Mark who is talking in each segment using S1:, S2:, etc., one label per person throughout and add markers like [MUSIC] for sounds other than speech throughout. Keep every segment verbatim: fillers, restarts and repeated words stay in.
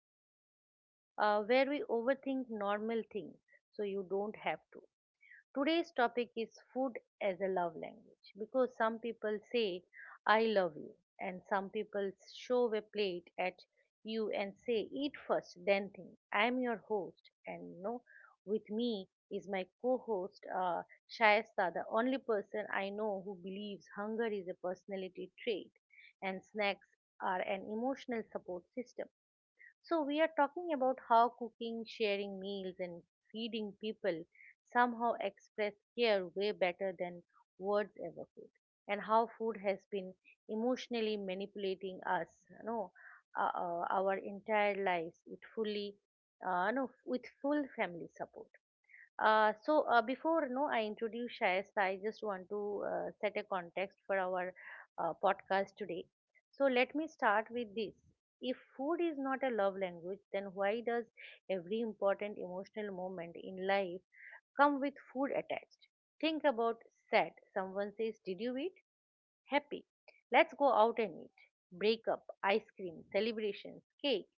S1: podcast uh, where we overthink normal things so you don't have to. Today's topic is food as a love language because some people say, I love you, and some people show a plate at you and say, Eat first, then think. I'm your host, and you know, with me is my co host, uh, Shayesta, the only person I know who believes hunger is a personality trait and snacks are an emotional support system. So, we are talking about how cooking, sharing meals, and feeding people somehow express care way better than words ever could, and how food has been emotionally manipulating us, you know, uh, uh, our entire lives. It fully, uh, no, with full family support. Uh, so uh, before no, I introduce Shayesta, I just want to uh, set a context for our uh, podcast today. So let me start with this. If food is not a love language, then why does every important emotional moment in life come with food attached? Think about sad. Someone says, "Did you eat?" Happy. Let's go out and eat. Breakup, ice cream, celebrations, cake.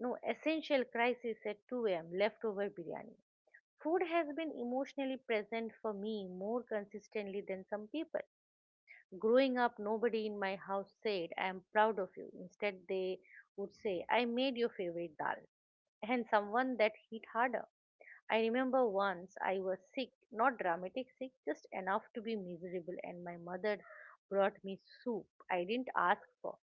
S1: No essential crisis at two a m. Leftover biryani. Food has been emotionally present for me more consistently than some people. Growing up, nobody in my house said, I am proud of you. Instead, they would say, I made your favorite dal. And someone that hit harder. I remember once I was sick, not dramatic sick, just enough to be miserable, and my mother brought me soup I didn't ask for.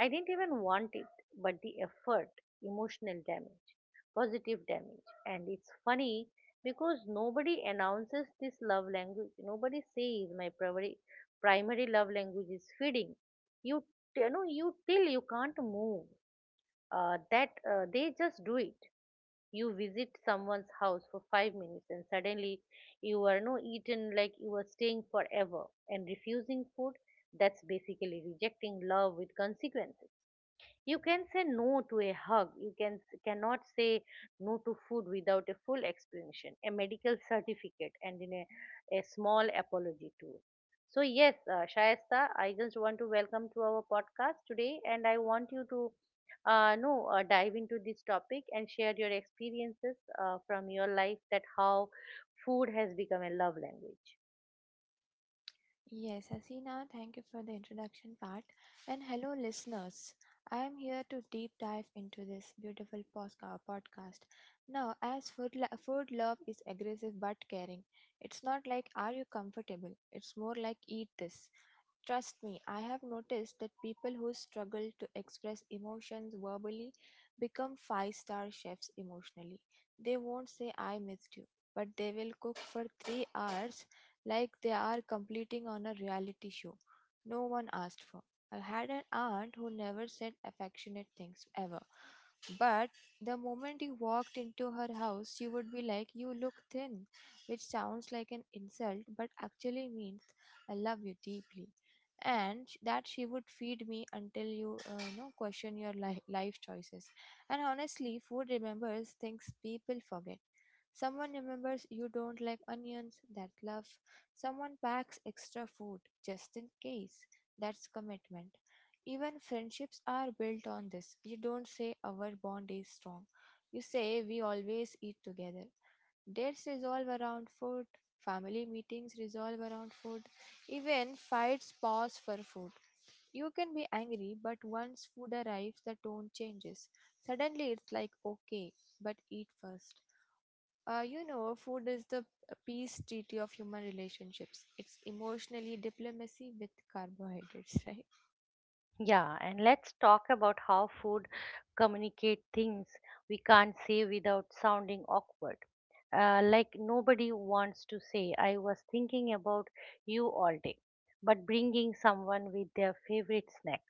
S1: I didn't even want it, but the effort, emotional damage, positive damage. And it's funny because nobody announces this love language. Nobody says my primary primary love language is feeding. You, you know, you till you can't move. Uh, that uh, they just do it. You visit someone's house for five minutes and suddenly you are no eaten like you are staying forever, and refusing food, that's basically rejecting love with consequences. You can say no to a hug, you can cannot say no to food without a full explanation, a medical certificate, and in a, a small apology too. So yes, uh, Shayesta, I just want to welcome to our podcast today, and I want you to uh, no uh, dive into this topic and share your experiences uh, from your life, that how food has become a love language.
S2: Yes, Hasina, thank you for the introduction part. And hello, listeners. I am here to deep dive into this beautiful posca- podcast. Now, as food, lo- food love is aggressive but caring, it's not like are you comfortable, it's more like eat this. Trust me, I have noticed that people who struggle to express emotions verbally become five star chefs emotionally. They won't say, I missed you, but they will cook for three hours like they are completing on a reality show no one asked for. I had an aunt who never said affectionate things ever. But the moment you walked into her house, she would be like, You look thin, which sounds like an insult, but actually means, I love you deeply and sh- that she would feed me until you uh, you know question your li- life choices. And honestly, food remembers things people forget. Someone remembers you don't like onions, that love. Someone packs extra food just in case, that's commitment. Even friendships are built on this. You don't say our bond is strong, you say we always eat together. Dates resolve around food, family meetings resolve around food, even fights pause for food. You can be angry, but once food arrives, the tone changes. Suddenly, it's like, okay, but eat first. Uh, you know, food is the peace treaty of human relationships. It's emotionally diplomacy with carbohydrates, [LAUGHS] right?
S1: Yeah, and let's talk about how food communicate things we can't say without sounding awkward. Uh, like nobody wants to say, I was thinking about you all day, but bringing someone with their favorite snack.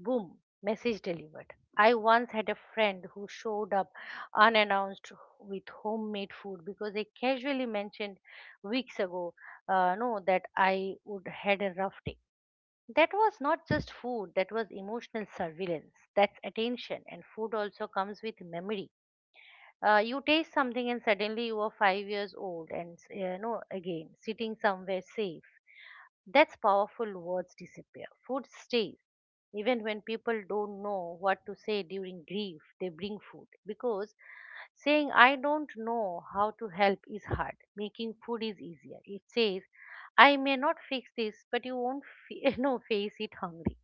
S1: Boom, message delivered. I once had a friend who showed up unannounced with homemade food because I casually mentioned weeks ago, uh, no, that I would had a rough day. That was not just food, that was emotional surveillance. That's attention. And food also comes with memory. Uh, you taste something and suddenly you are five years old and, s- you know, again, sitting somewhere safe. That's powerful. Words disappear. Food stays. Even when people don't know what to say during grief, they bring food. Because saying, I don't know how to help is hard. Making food is easier. It says, I may not fix this, but you won't fe- no, [LAUGHS] face it hungry.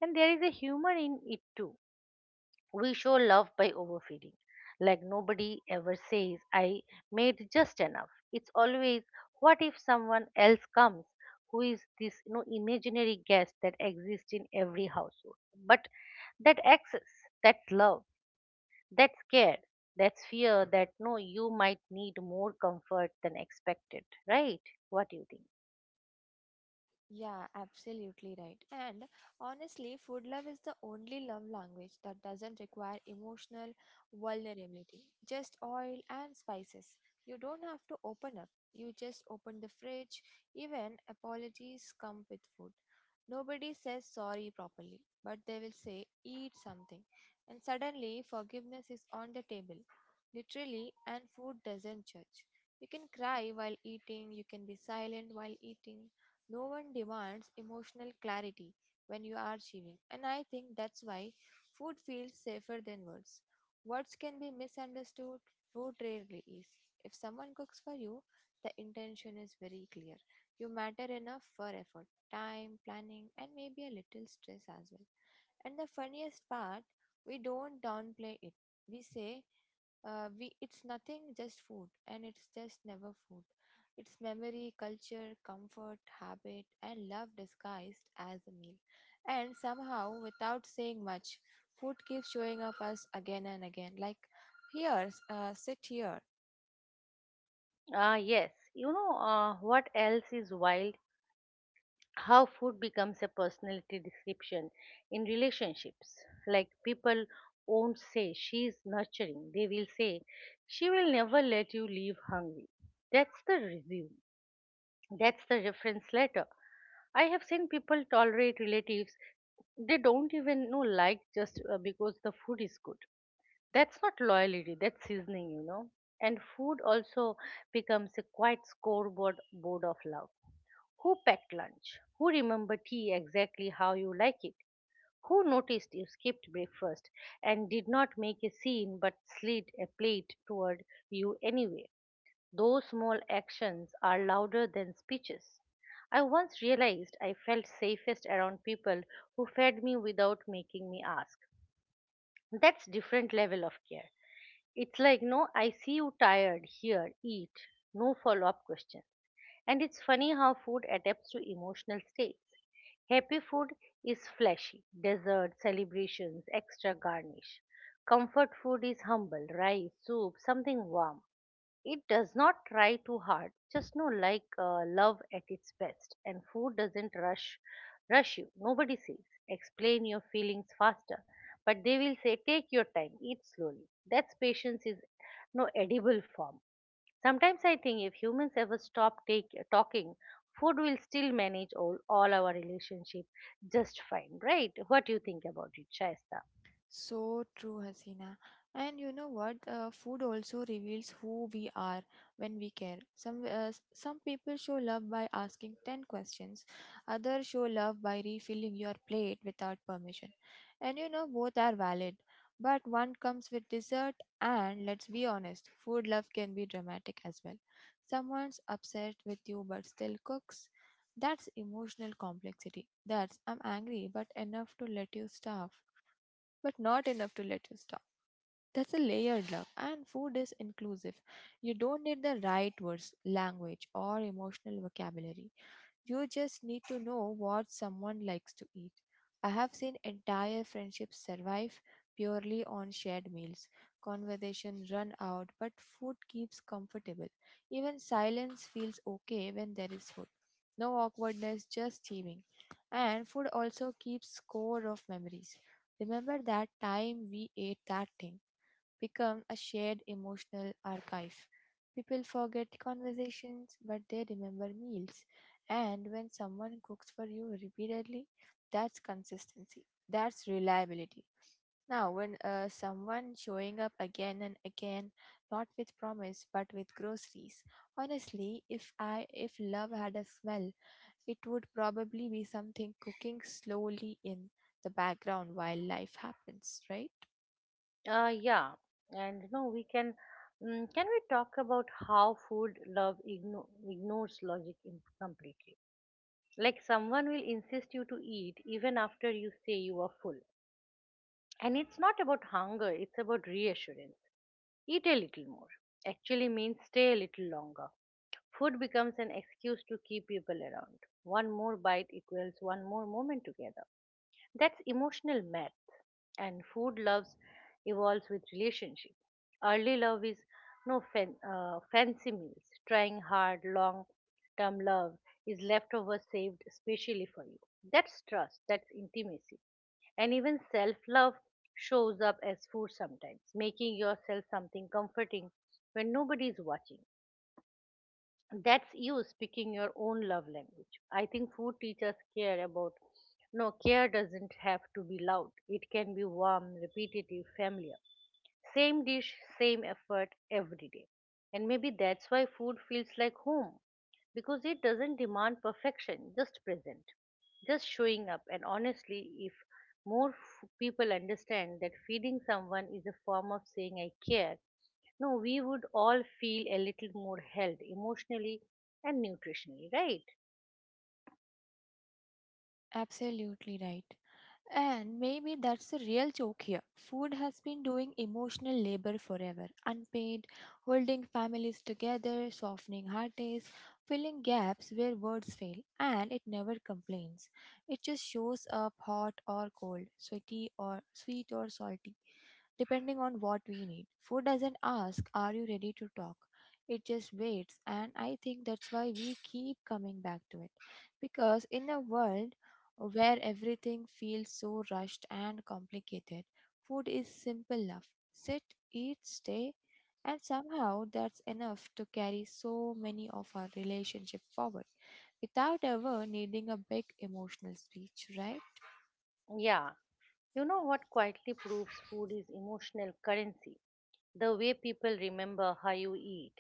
S1: And there is a humor in it too. We show love by overfeeding. Like nobody ever says, I made just enough. It's always, what if someone else comes? Who is this, you know, imaginary guest that exists in every household? But that access, that love, that scare, that fear that no, you might need more comfort than expected, right? What do you think?
S2: Yeah, absolutely right. And honestly, food love is the only love language that doesn't require emotional vulnerability. Just oil and spices. You don't have to open up. You just open the fridge. Even apologies come with food. Nobody says sorry properly, but they will say, eat something. And suddenly, forgiveness is on the table, literally, and food doesn't judge. You can cry while eating, you can be silent while eating. No one demands emotional clarity when you are chewing, and I think that's why food feels safer than words. Words can be misunderstood, food rarely is. If someone cooks for you, the intention is very clear. You matter enough for effort, time, planning, and maybe a little stress as well. And the funniest part, we don't downplay it. We say, uh, we it's nothing, just food, and it's just never food. It's memory, culture, comfort, habit, and love disguised as a meal. And somehow, without saying much, food keeps showing up us again and again. Like, here, uh, sit here.
S1: Ah, yes. You know, uh, what else is wild? How food becomes a personality description in relationships. Like people won't say she's nurturing, they will say she will never let you leave hungry. That's the resume. That's the reference letter. I have seen people tolerate relatives they don't even know, like, just uh, because the food is good. That's not loyalty, that's seasoning, you know. And food also becomes a quite scoreboard board of love. Who packed lunch? Who remembered tea exactly how you like it? Who noticed you skipped breakfast and did not make a scene but slid a plate toward you anyway? Those small actions are louder than speeches. I once realized I felt safest around people who fed me without making me ask. That's different level of care. It's like no, I see you tired, here, eat, no follow up question. And it's funny how food adapts to emotional states. Happy food is flashy, dessert, celebrations, extra garnish. Comfort food is humble, rice, soup, something warm. It does not try too hard, just know like, uh, love at its best. And food doesn't rush rush you. Nobody says explain your feelings faster, but they will say take your time, eat slowly. That's patience is no edible form. Sometimes I think if humans ever stop take, talking, food will still manage all, all our relationship just fine, right? What do you think about it, Shaista?
S2: So true, Hasina. And you know what? Uh, food also reveals who we are when we care. Some uh, s- some people show love by asking ten questions. Others show love by refilling your plate without permission. And you know both are valid. But one comes with dessert, and let's be honest, food love can be dramatic as well. Someone's upset with you but still cooks. That's emotional complexity. That's I'm angry but enough to let you starve but not enough to let you stop. That's a layered love, and food is inclusive. You don't need the right words, language, or emotional vocabulary. You just need to know what someone likes to eat. I have seen entire friendships survive purely on shared meals. Conversation run out, but food keeps comfortable. Even silence feels okay when there is food. No awkwardness, just chewing. And food also keeps score of memories. Remember that time we ate that thing? Become a shared emotional archive. People forget conversations, but they remember meals. And when someone cooks for you repeatedly, that's consistency. That's reliability. Now, when uh, someone showing up again and again, not with promise but with groceries. Honestly, if I if love had a smell, it would probably be something cooking slowly in the background while life happens, right?
S1: Uh, yeah, and you know we can, mm, can we talk about how food love igno- ignores logic in- completely? Like someone will insist you to eat even after you say you are full, and it's not about hunger; it's about reassurance. Eat a little more actually means stay a little longer. Food becomes an excuse to keep people around. One more bite equals one more moment together. That's emotional math. And food loves evolves with relationship. Early love is no fan, uh, fancy meals. Trying hard, long term love is leftovers saved specially for you. That's trust, that's intimacy. And even self love shows up as food sometimes, making yourself something comforting when nobody is watching, that's you speaking your own love language. I think food teachers care about, no, care doesn't have to be loud, it can be warm, repetitive, familiar, same dish, same effort every day. And maybe that's why food feels like home, because it doesn't demand perfection, just present, just showing up. And honestly, if more f- people understand that feeding someone is a form of saying I care, no, we would all feel a little more held emotionally and nutritionally, right?
S2: Absolutely right. And maybe that's the real joke here. Food has been doing emotional labor forever, unpaid, holding families together, softening heartaches, filling gaps where words fail, and it never complains. It just shows up hot or cold, sweaty or sweet or salty, depending on what we need. Food doesn't ask, Are you ready to talk? It just waits, and I think that's why we keep coming back to it. Because in a world where everything feels so rushed and complicated, food is simple enough. Sit, eat, stay, and somehow that's enough to carry so many of our relationship forward without ever needing a big emotional speech, right?
S1: Yeah, you know what quietly proves food is emotional currency? The way people remember how you eat.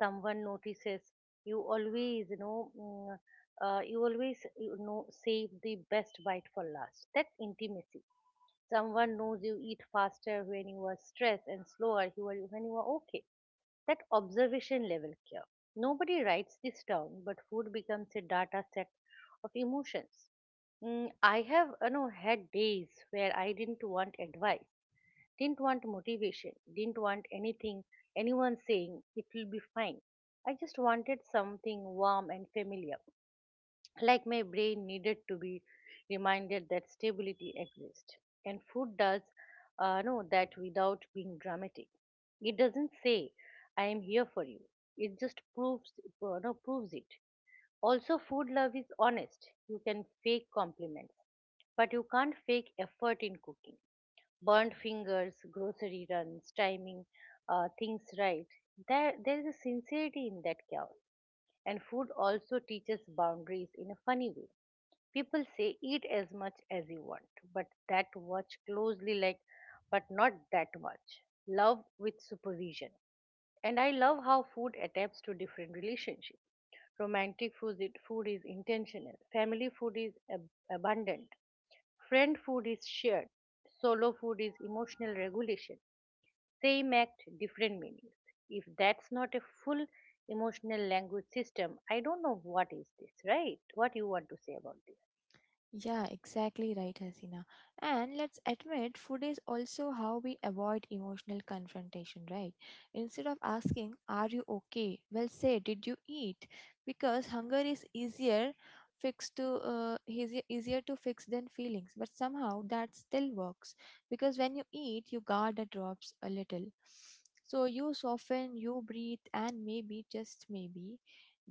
S1: Someone notices you always, you know, mm, uh, you always, you know, save the best bite for last, that's intimacy. Someone knows you eat faster when you are stressed, and slower you are, when you are okay, that observation level care. Nobody writes this down, but food becomes a data set of emotions. Mm, I have, you know, had days where I didn't want advice. Didn't want motivation, didn't want anything, anyone saying it will be fine. I just wanted something warm and familiar, like my brain needed to be reminded that stability exists. And food does uh, know that without being dramatic. It doesn't say, I am here for you. It just proves, uh, no, proves it. Also, food love is honest. You can fake compliments, but you can't fake effort in cooking, burnt fingers, grocery runs, timing uh, things right. There, there is a sincerity in that chaos. And food also teaches boundaries in a funny way. People say eat as much as you want, but that watch closely, like, but not that much. Love with supervision. And I love how food adapts to different relationships. Romantic food, is- food is intentional, family food is ab- abundant, friend food is shared, solo food is emotional regulation, same act different meanings. If that's not a full emotional language system, I don't know what is this, right? What you want to say about
S2: Yeah, exactly right, Hasina. And let's admit, food is also how we avoid emotional confrontation, right? Instead of asking, Are you okay? Well, say, Did you eat? Because hunger is easier fixed to uh, easier, easier to fix than feelings, but somehow that still works because when you eat your guard drops a little, so you soften, you breathe, and maybe just maybe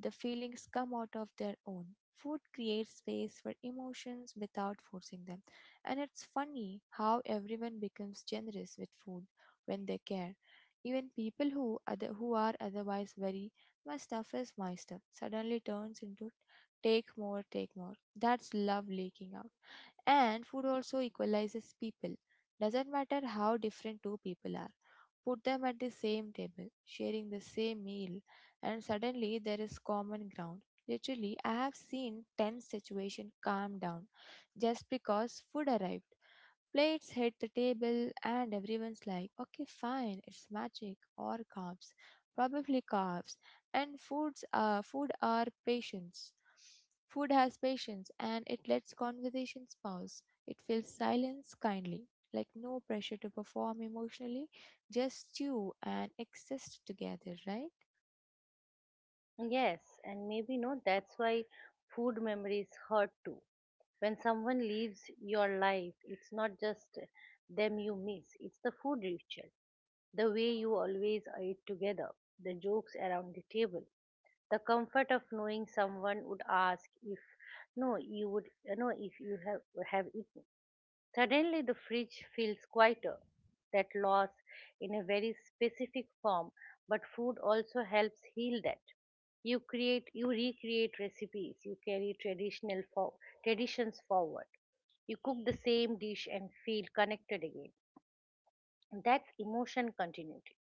S2: the feelings come out of their own. Food creates space for emotions without forcing them. And it's funny how everyone becomes generous with food when they care. Even people who other, who are otherwise very my stuff is my stuff suddenly turns into take more, take more. That's love leaking out. And food also equalizes people. Doesn't matter how different two people are. Put them at the same table, sharing the same meal, and suddenly there is common ground. Literally, I have seen tense situation calm down just because food arrived. Plates hit the table, and everyone's like, okay, fine, it's magic or carbs, probably carbs. And foods are food are patience. Food has patience, and it lets conversations pause. It fills silence kindly, like no pressure to perform emotionally, just you and exist together, right?
S1: this? Yes, and maybe no, that's why food memories hurt too. When someone leaves your life, it's not just them you miss, it's the food ritual, the way you always ate together, the jokes around the table, the comfort of knowing someone would ask if, no, you would, no, if you have have eaten. Suddenly, the fridge feels quieter, that loss in a very specific form, but food also helps heal that. You create, you recreate recipes, you carry traditional for, traditions forward, you cook the same dish and feel connected again. That's emotion continuity,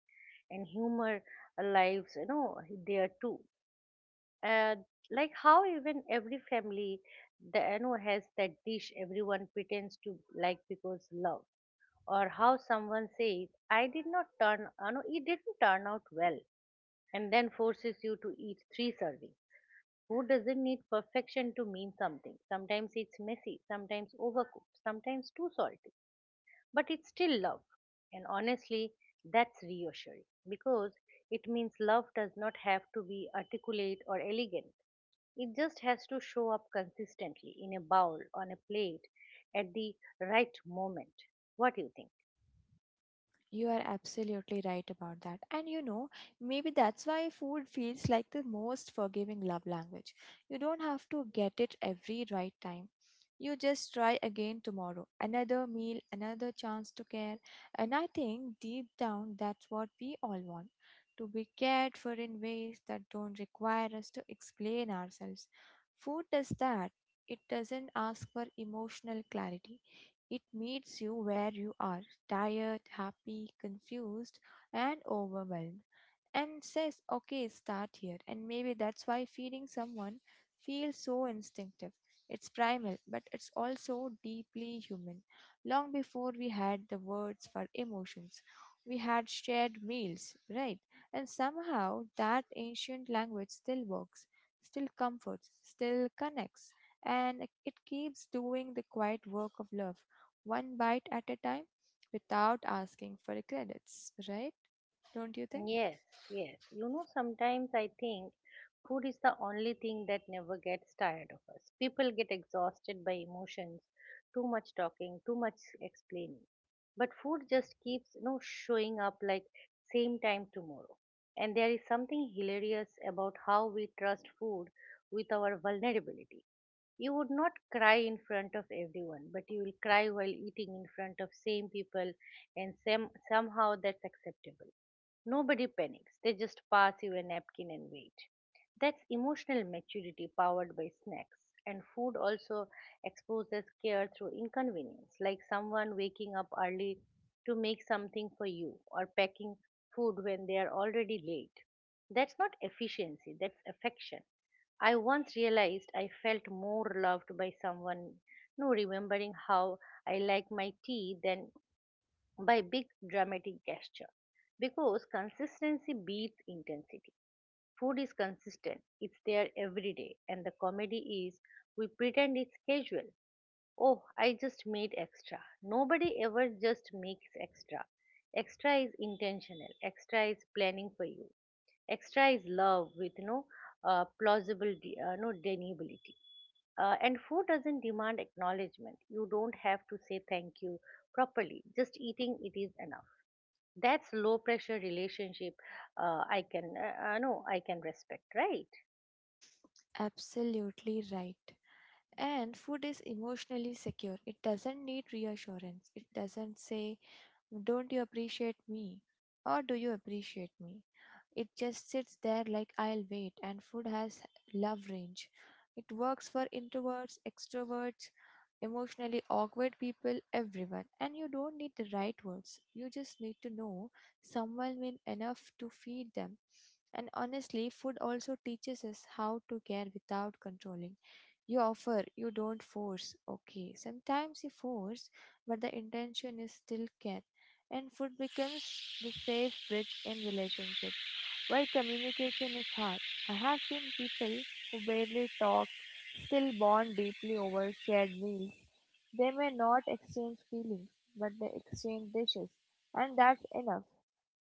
S1: and humor lives, you know, there too. uh, like how even every family, the, you know, has that dish everyone pretends to like because love. Or how someone says I did not turn uh, no it didn't turn out well, and then forces you to eat three servings. Who doesn't need perfection to mean something? Sometimes it's messy, sometimes overcooked, sometimes too salty, but it's still love. And honestly, that's reassuring, because it means love does not have to be articulate or elegant, it just has to show up consistently in a bowl on a plate at the right moment. What do you think?
S2: You are absolutely right about that. And you know, maybe that's why food feels like the most forgiving love language. You don't have to get it every right time. You just try again tomorrow. Another meal, another chance to care. And I think deep down, that's what we all want, to be cared for in ways that don't require us to explain ourselves. Food does that. It doesn't ask for emotional clarity, it meets you where you are, tired, happy, confused, and overwhelmed, and says, okay, start here. And maybe that's why feeding someone feels so instinctive. It's primal, but it's also deeply human. Long before we had the words for emotions, we had shared meals, right? And somehow that ancient language still works, still comforts, still connects, and it keeps doing the quiet work of love, one bite at a time, without asking for the credits, right? Don't you think?
S1: Yes, yes. You know, sometimes I think food is the only thing that never gets tired of us. People get exhausted by emotions, too much talking, too much explaining. But food just keeps, you know, showing up like same time tomorrow. And there is something hilarious about how we trust food with our vulnerability. You would not cry in front of everyone, but you will cry while eating in front of same people, and sem- somehow that's acceptable. Nobody panics, they just pass you a napkin and wait. That's emotional maturity powered by snacks. And food also exposes care through inconvenience, like someone waking up early to make something for you or packing food when they are already late. That's not efficiency, that's affection. I once realized I felt more loved by someone no remembering how I like my tea than by big dramatic gesture because consistency beats intensity. Food is consistent, it's there every day, and the comedy is we pretend it's casual. Oh, I just made extra. Nobody ever just makes extra. Extra is intentional, extra is planning for you, extra is love with no uh, plausible, de- uh, no deniability. Uh, and food doesn't demand acknowledgement. You don't have to say thank you properly. Just eating it is enough. That's low pressure relationship. Uh, I can uh, uh, No, I can respect, right?
S2: Absolutely right. And food is emotionally secure. It doesn't need reassurance. It doesn't say, Don't you appreciate me? Or do you appreciate me? It just sits there like I'll wait. And food has love range. It works for introverts, extroverts, emotionally awkward people, everyone. And you don't need the right words. You just need to know someone will enough to feed them. And honestly, food also teaches us how to care without controlling. You offer, you don't force. Okay, sometimes you force, but the intention is still care. And food becomes the safe bridge in relationships where communication is hard. I have seen people who barely talk still bond deeply over shared meals. They may not exchange feelings, but they exchange dishes, and that's enough.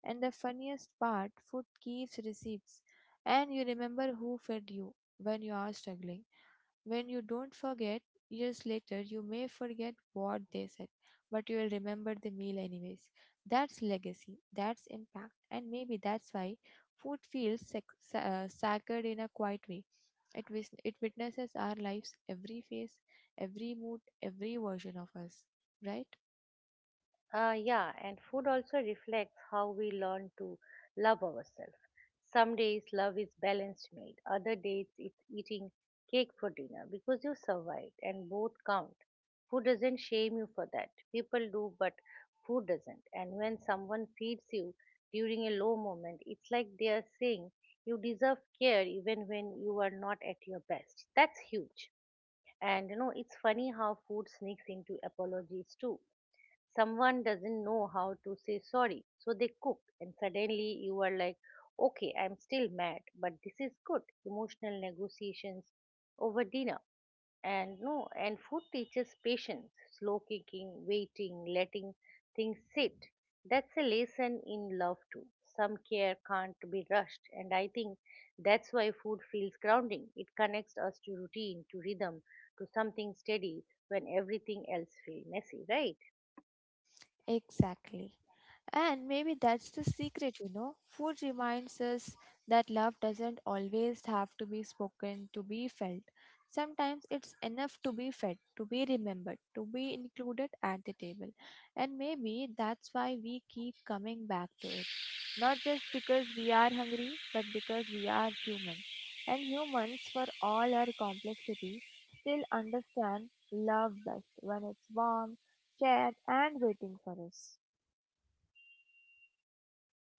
S2: And the funniest part, food keeps receipts, and you remember who fed you when you are struggling. When you don't forget, years later, you may forget what they said, but you will remember the meal anyways. That's legacy, that's impact, and maybe that's why food feels sac- sa- uh, sacred in a quiet way. It, wis- it witnesses our lives, every phase, every mood, every version of us, right?
S1: Uh, yeah, and food also reflects how we learn to love ourselves. Some days love is balanced meal. Other days it's eating cake for dinner because you survived, and both count. Food doesn't shame you for that. People do, but food doesn't. And when someone feeds you during a low moment, it's like they are saying you deserve care even when you are not at your best. That's huge. And you know, it's funny how food sneaks into apologies too. Someone doesn't know how to say sorry, so they cook, and suddenly you are like, okay, I'm still mad, but this is good. Emotional negotiations over dinner. And no, and food teaches patience, slow cooking, waiting, letting things sit. That's a lesson in love too. Some care can't be rushed, and I think that's why food feels grounding. It connects us to routine, to rhythm, to something steady when everything else feels messy, right?
S2: Exactly. And maybe that's the secret, you know. Food reminds us that love doesn't always have to be spoken to be felt. Sometimes it's enough to be fed, to be remembered, to be included at the table. And maybe that's why we keep coming back to it. Not just because we are hungry, but because we are human. And humans, for all our complexity, still understand love best when it's warm, shared, and waiting for us.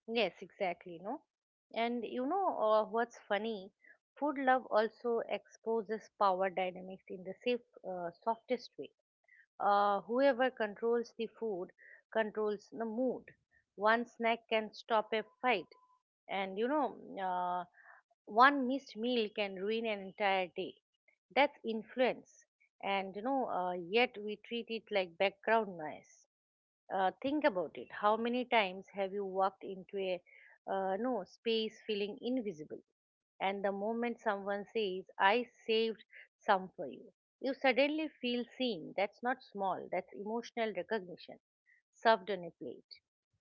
S1: Yes, exactly. No, and you know uh, what's funny, food love also exposes power dynamics in the safe, uh, softest way. Uh, whoever controls the food controls the mood. One snack can stop a fight, and you know, uh, one missed meal can ruin an entire day. That's influence, and you know, uh, yet we treat it like background noise. Uh, think about it. How many times have you walked into a uh, no space feeling invisible? And the moment someone says, "I saved some for you," you suddenly feel seen. That's not small. That's emotional recognition served on a plate.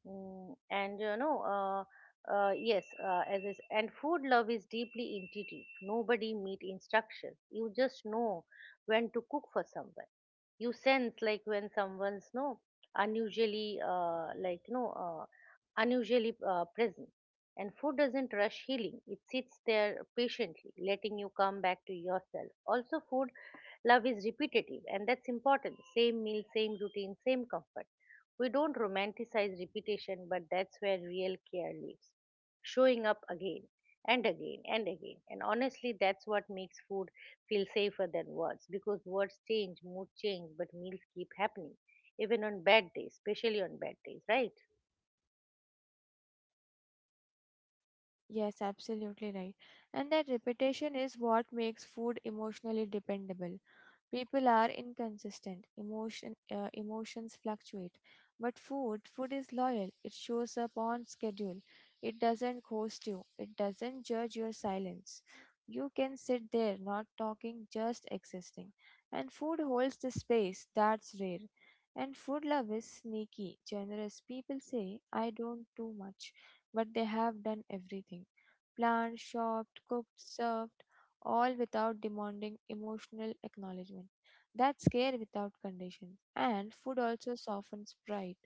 S1: Mm, and you know, uh, uh, yes, uh, As is, and food love is deeply intuitive. Nobody meet instructions. You just know when to cook for someone. You sense like when someone's no unusually uh, like you know uh, unusually uh, present. And food doesn't rush healing. It sits there patiently, letting you come back to yourself. Also, food love is repetitive, and that's important. Same meal, same routine, same comfort. We don't romanticize repetition, but that's where real care lives. Showing up again and again and again. And honestly, that's what makes food feel safer than words, because words change, mood change, but meals keep happening, even on bad days, especially on bad days, right?
S2: Yes, absolutely right. And that repetition is what makes food emotionally dependable. People are inconsistent. Emotion, uh, emotions fluctuate. But food, food is loyal. It shows up on schedule. It doesn't ghost you. It doesn't judge your silence. You can sit there, not talking, just existing. And food holds the space. That's rare. And food love is sneaky, generous. People say, I don't do much, but they have done everything, planned, shopped, cooked, served, all without demanding emotional acknowledgement. That's care without condition. And food also softens pride.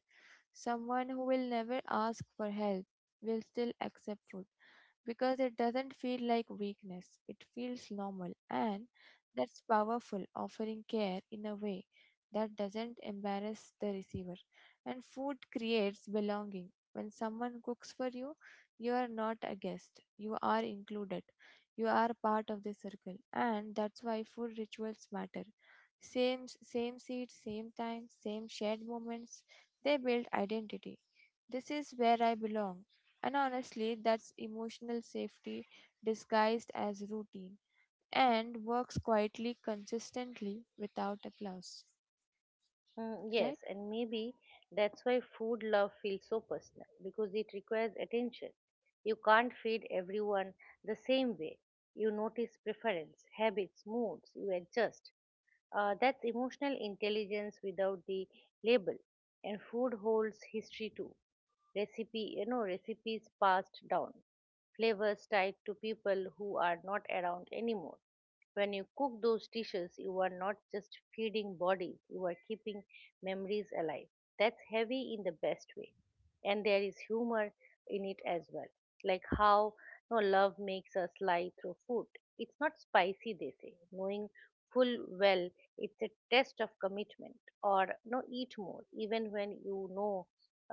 S2: Someone who will never ask for help will still accept food because it doesn't feel like weakness, it feels normal, and that's powerful, offering care in a way that doesn't embarrass the receiver. And food creates belonging. When someone cooks for you, you are not a guest, you are included, you are part of the circle, and that's why food rituals matter. Same, same seat, same time, same shared moments, they build identity. This is where I belong. And honestly, that's emotional safety disguised as routine and works quietly, consistently without applause.
S1: Mm,
S2: Right?
S1: yes, and maybe that's why food love feels so personal, because it requires attention. You can't feed everyone the same way. You notice preference, habits, moods, you adjust. Uh, that's emotional intelligence without the label. And food holds history too. Recipe You know, recipes passed down, flavors tied to people who are not around anymore. When you cook those dishes, you are not just feeding bodies, you are keeping memories alive. That's heavy in the best way. And there is humor in it as well, like how no love makes us lie through food. It's not spicy, they say, knowing full well it's a test of commitment. Or no, eat more even when you know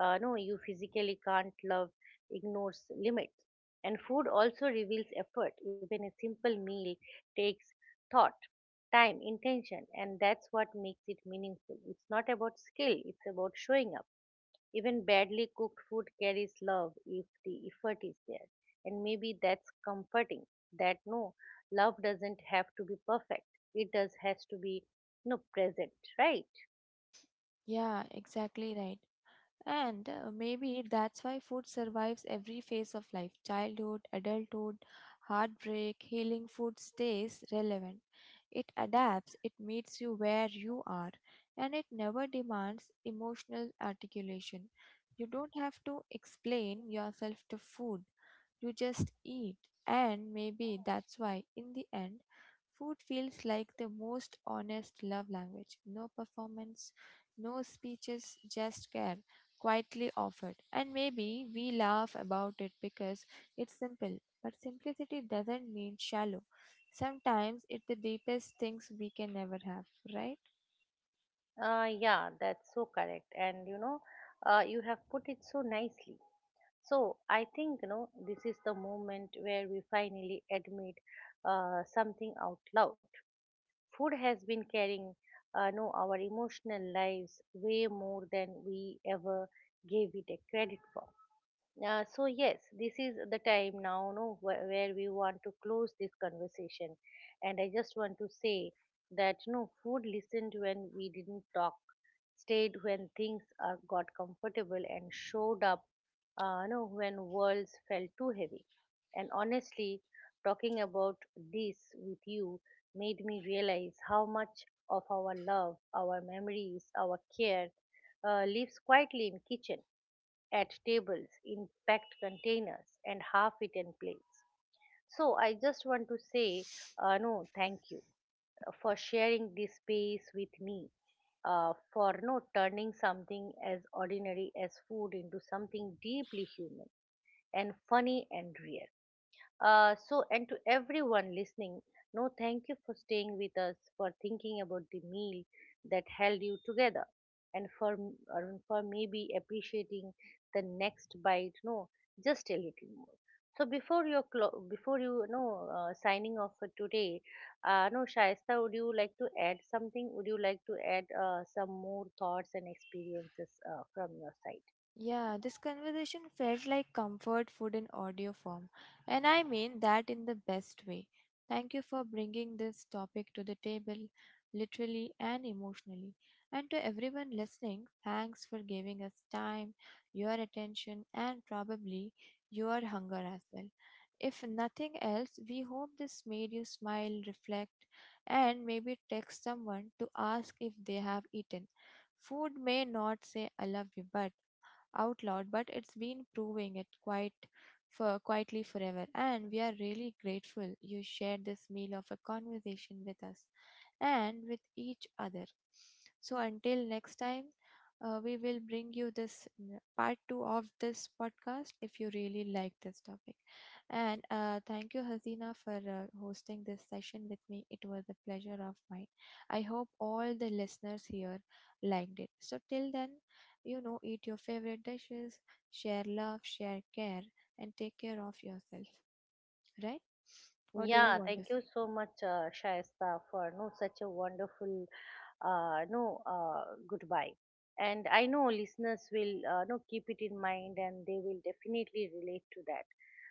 S1: uh, no, you physically can't. Love ignores limits. And food also reveals effort. Even a simple meal takes thought, time, intention, and that's what makes it meaningful. It's not about skill, it's about showing up. Even badly cooked food carries love if the effort is there. And maybe that's comforting, that no, love doesn't have to be perfect, it does has to be no present, right?
S2: Yeah, exactly right. And uh, maybe that's why food survives every phase of life, childhood, adulthood, heartbreak, healing. Food stays relevant. It adapts, it meets you where you are, and it never demands emotional articulation. You don't have to explain yourself to food, you just eat. And maybe that's why, in the end, food feels like the most honest love language. No performance, no speeches, just care quietly offered. And maybe we laugh about it because it's simple. But simplicity doesn't mean shallow. Sometimes it's the deepest things we can never have, right?
S1: Uh, yeah, that's so correct. And you know, uh, you have put it so nicely. So I think, you know, this is the moment where we finally admit uh, something out loud. Food has been carrying, uh, know, our emotional lives way more than we ever gave it a credit for. Uh, so yes, this is the time now, no, where, where we want to close this conversation, and I just want to say that no, food listened when we didn't talk, stayed when things are got comfortable, and showed up, uh, no, when worlds felt too heavy. And honestly, talking about this with you made me realize how much of our love, our memories, our care, uh, lives quietly in kitchen, at tables, in packed containers and half-eaten plates. So I just want to say, uh, no, thank you uh, for sharing this space with me, uh, for not turning something as ordinary as food into something deeply human and funny and real. Uh, so, and to everyone listening, no, thank you for staying with us, for thinking about the meal that held you together, and for m- or for maybe appreciating the next bite, no, just a little more. So before your clo- before you, you know uh, signing off for today, uh, no, Shaista, would you like to add something? Would you like to add uh, some more thoughts and experiences uh, from your side?
S2: Yeah, this conversation felt like comfort food in audio form, and I mean that in the best way. Thank you for bringing this topic to the table, literally and emotionally. And to everyone listening, thanks for giving us time, your attention, and probably your hunger as well. If nothing else, we hope this made you smile, reflect, and maybe text someone to ask if they have eaten. Food may not say I love you, but out loud, but it's been proving it quite for quietly forever. And we are really grateful you shared this meal of a conversation with us and with each other. So until next time, uh, we will bring you this n- part two of this podcast if you really like this topic. And uh, thank you, Hazina, for uh, hosting this session with me. It was a pleasure of mine. I hope all the listeners here liked it. So till then, you know, eat your favorite dishes, share love, share care, and take care of yourself. Right? What do you
S1: Yeah,
S2: want to
S1: thank you
S2: say?
S1: so much, uh, Shaista, for no such a wonderful uh, no uh, goodbye. And I know listeners will uh, no, keep it in mind, and they will definitely relate to that.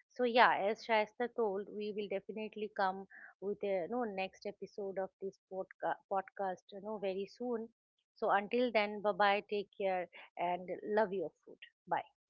S1: So yeah, as Shaista told, we will definitely come with a no next episode of this podca- podcast, you know, very soon. So until then, bye bye, take care, and love your food. Bye.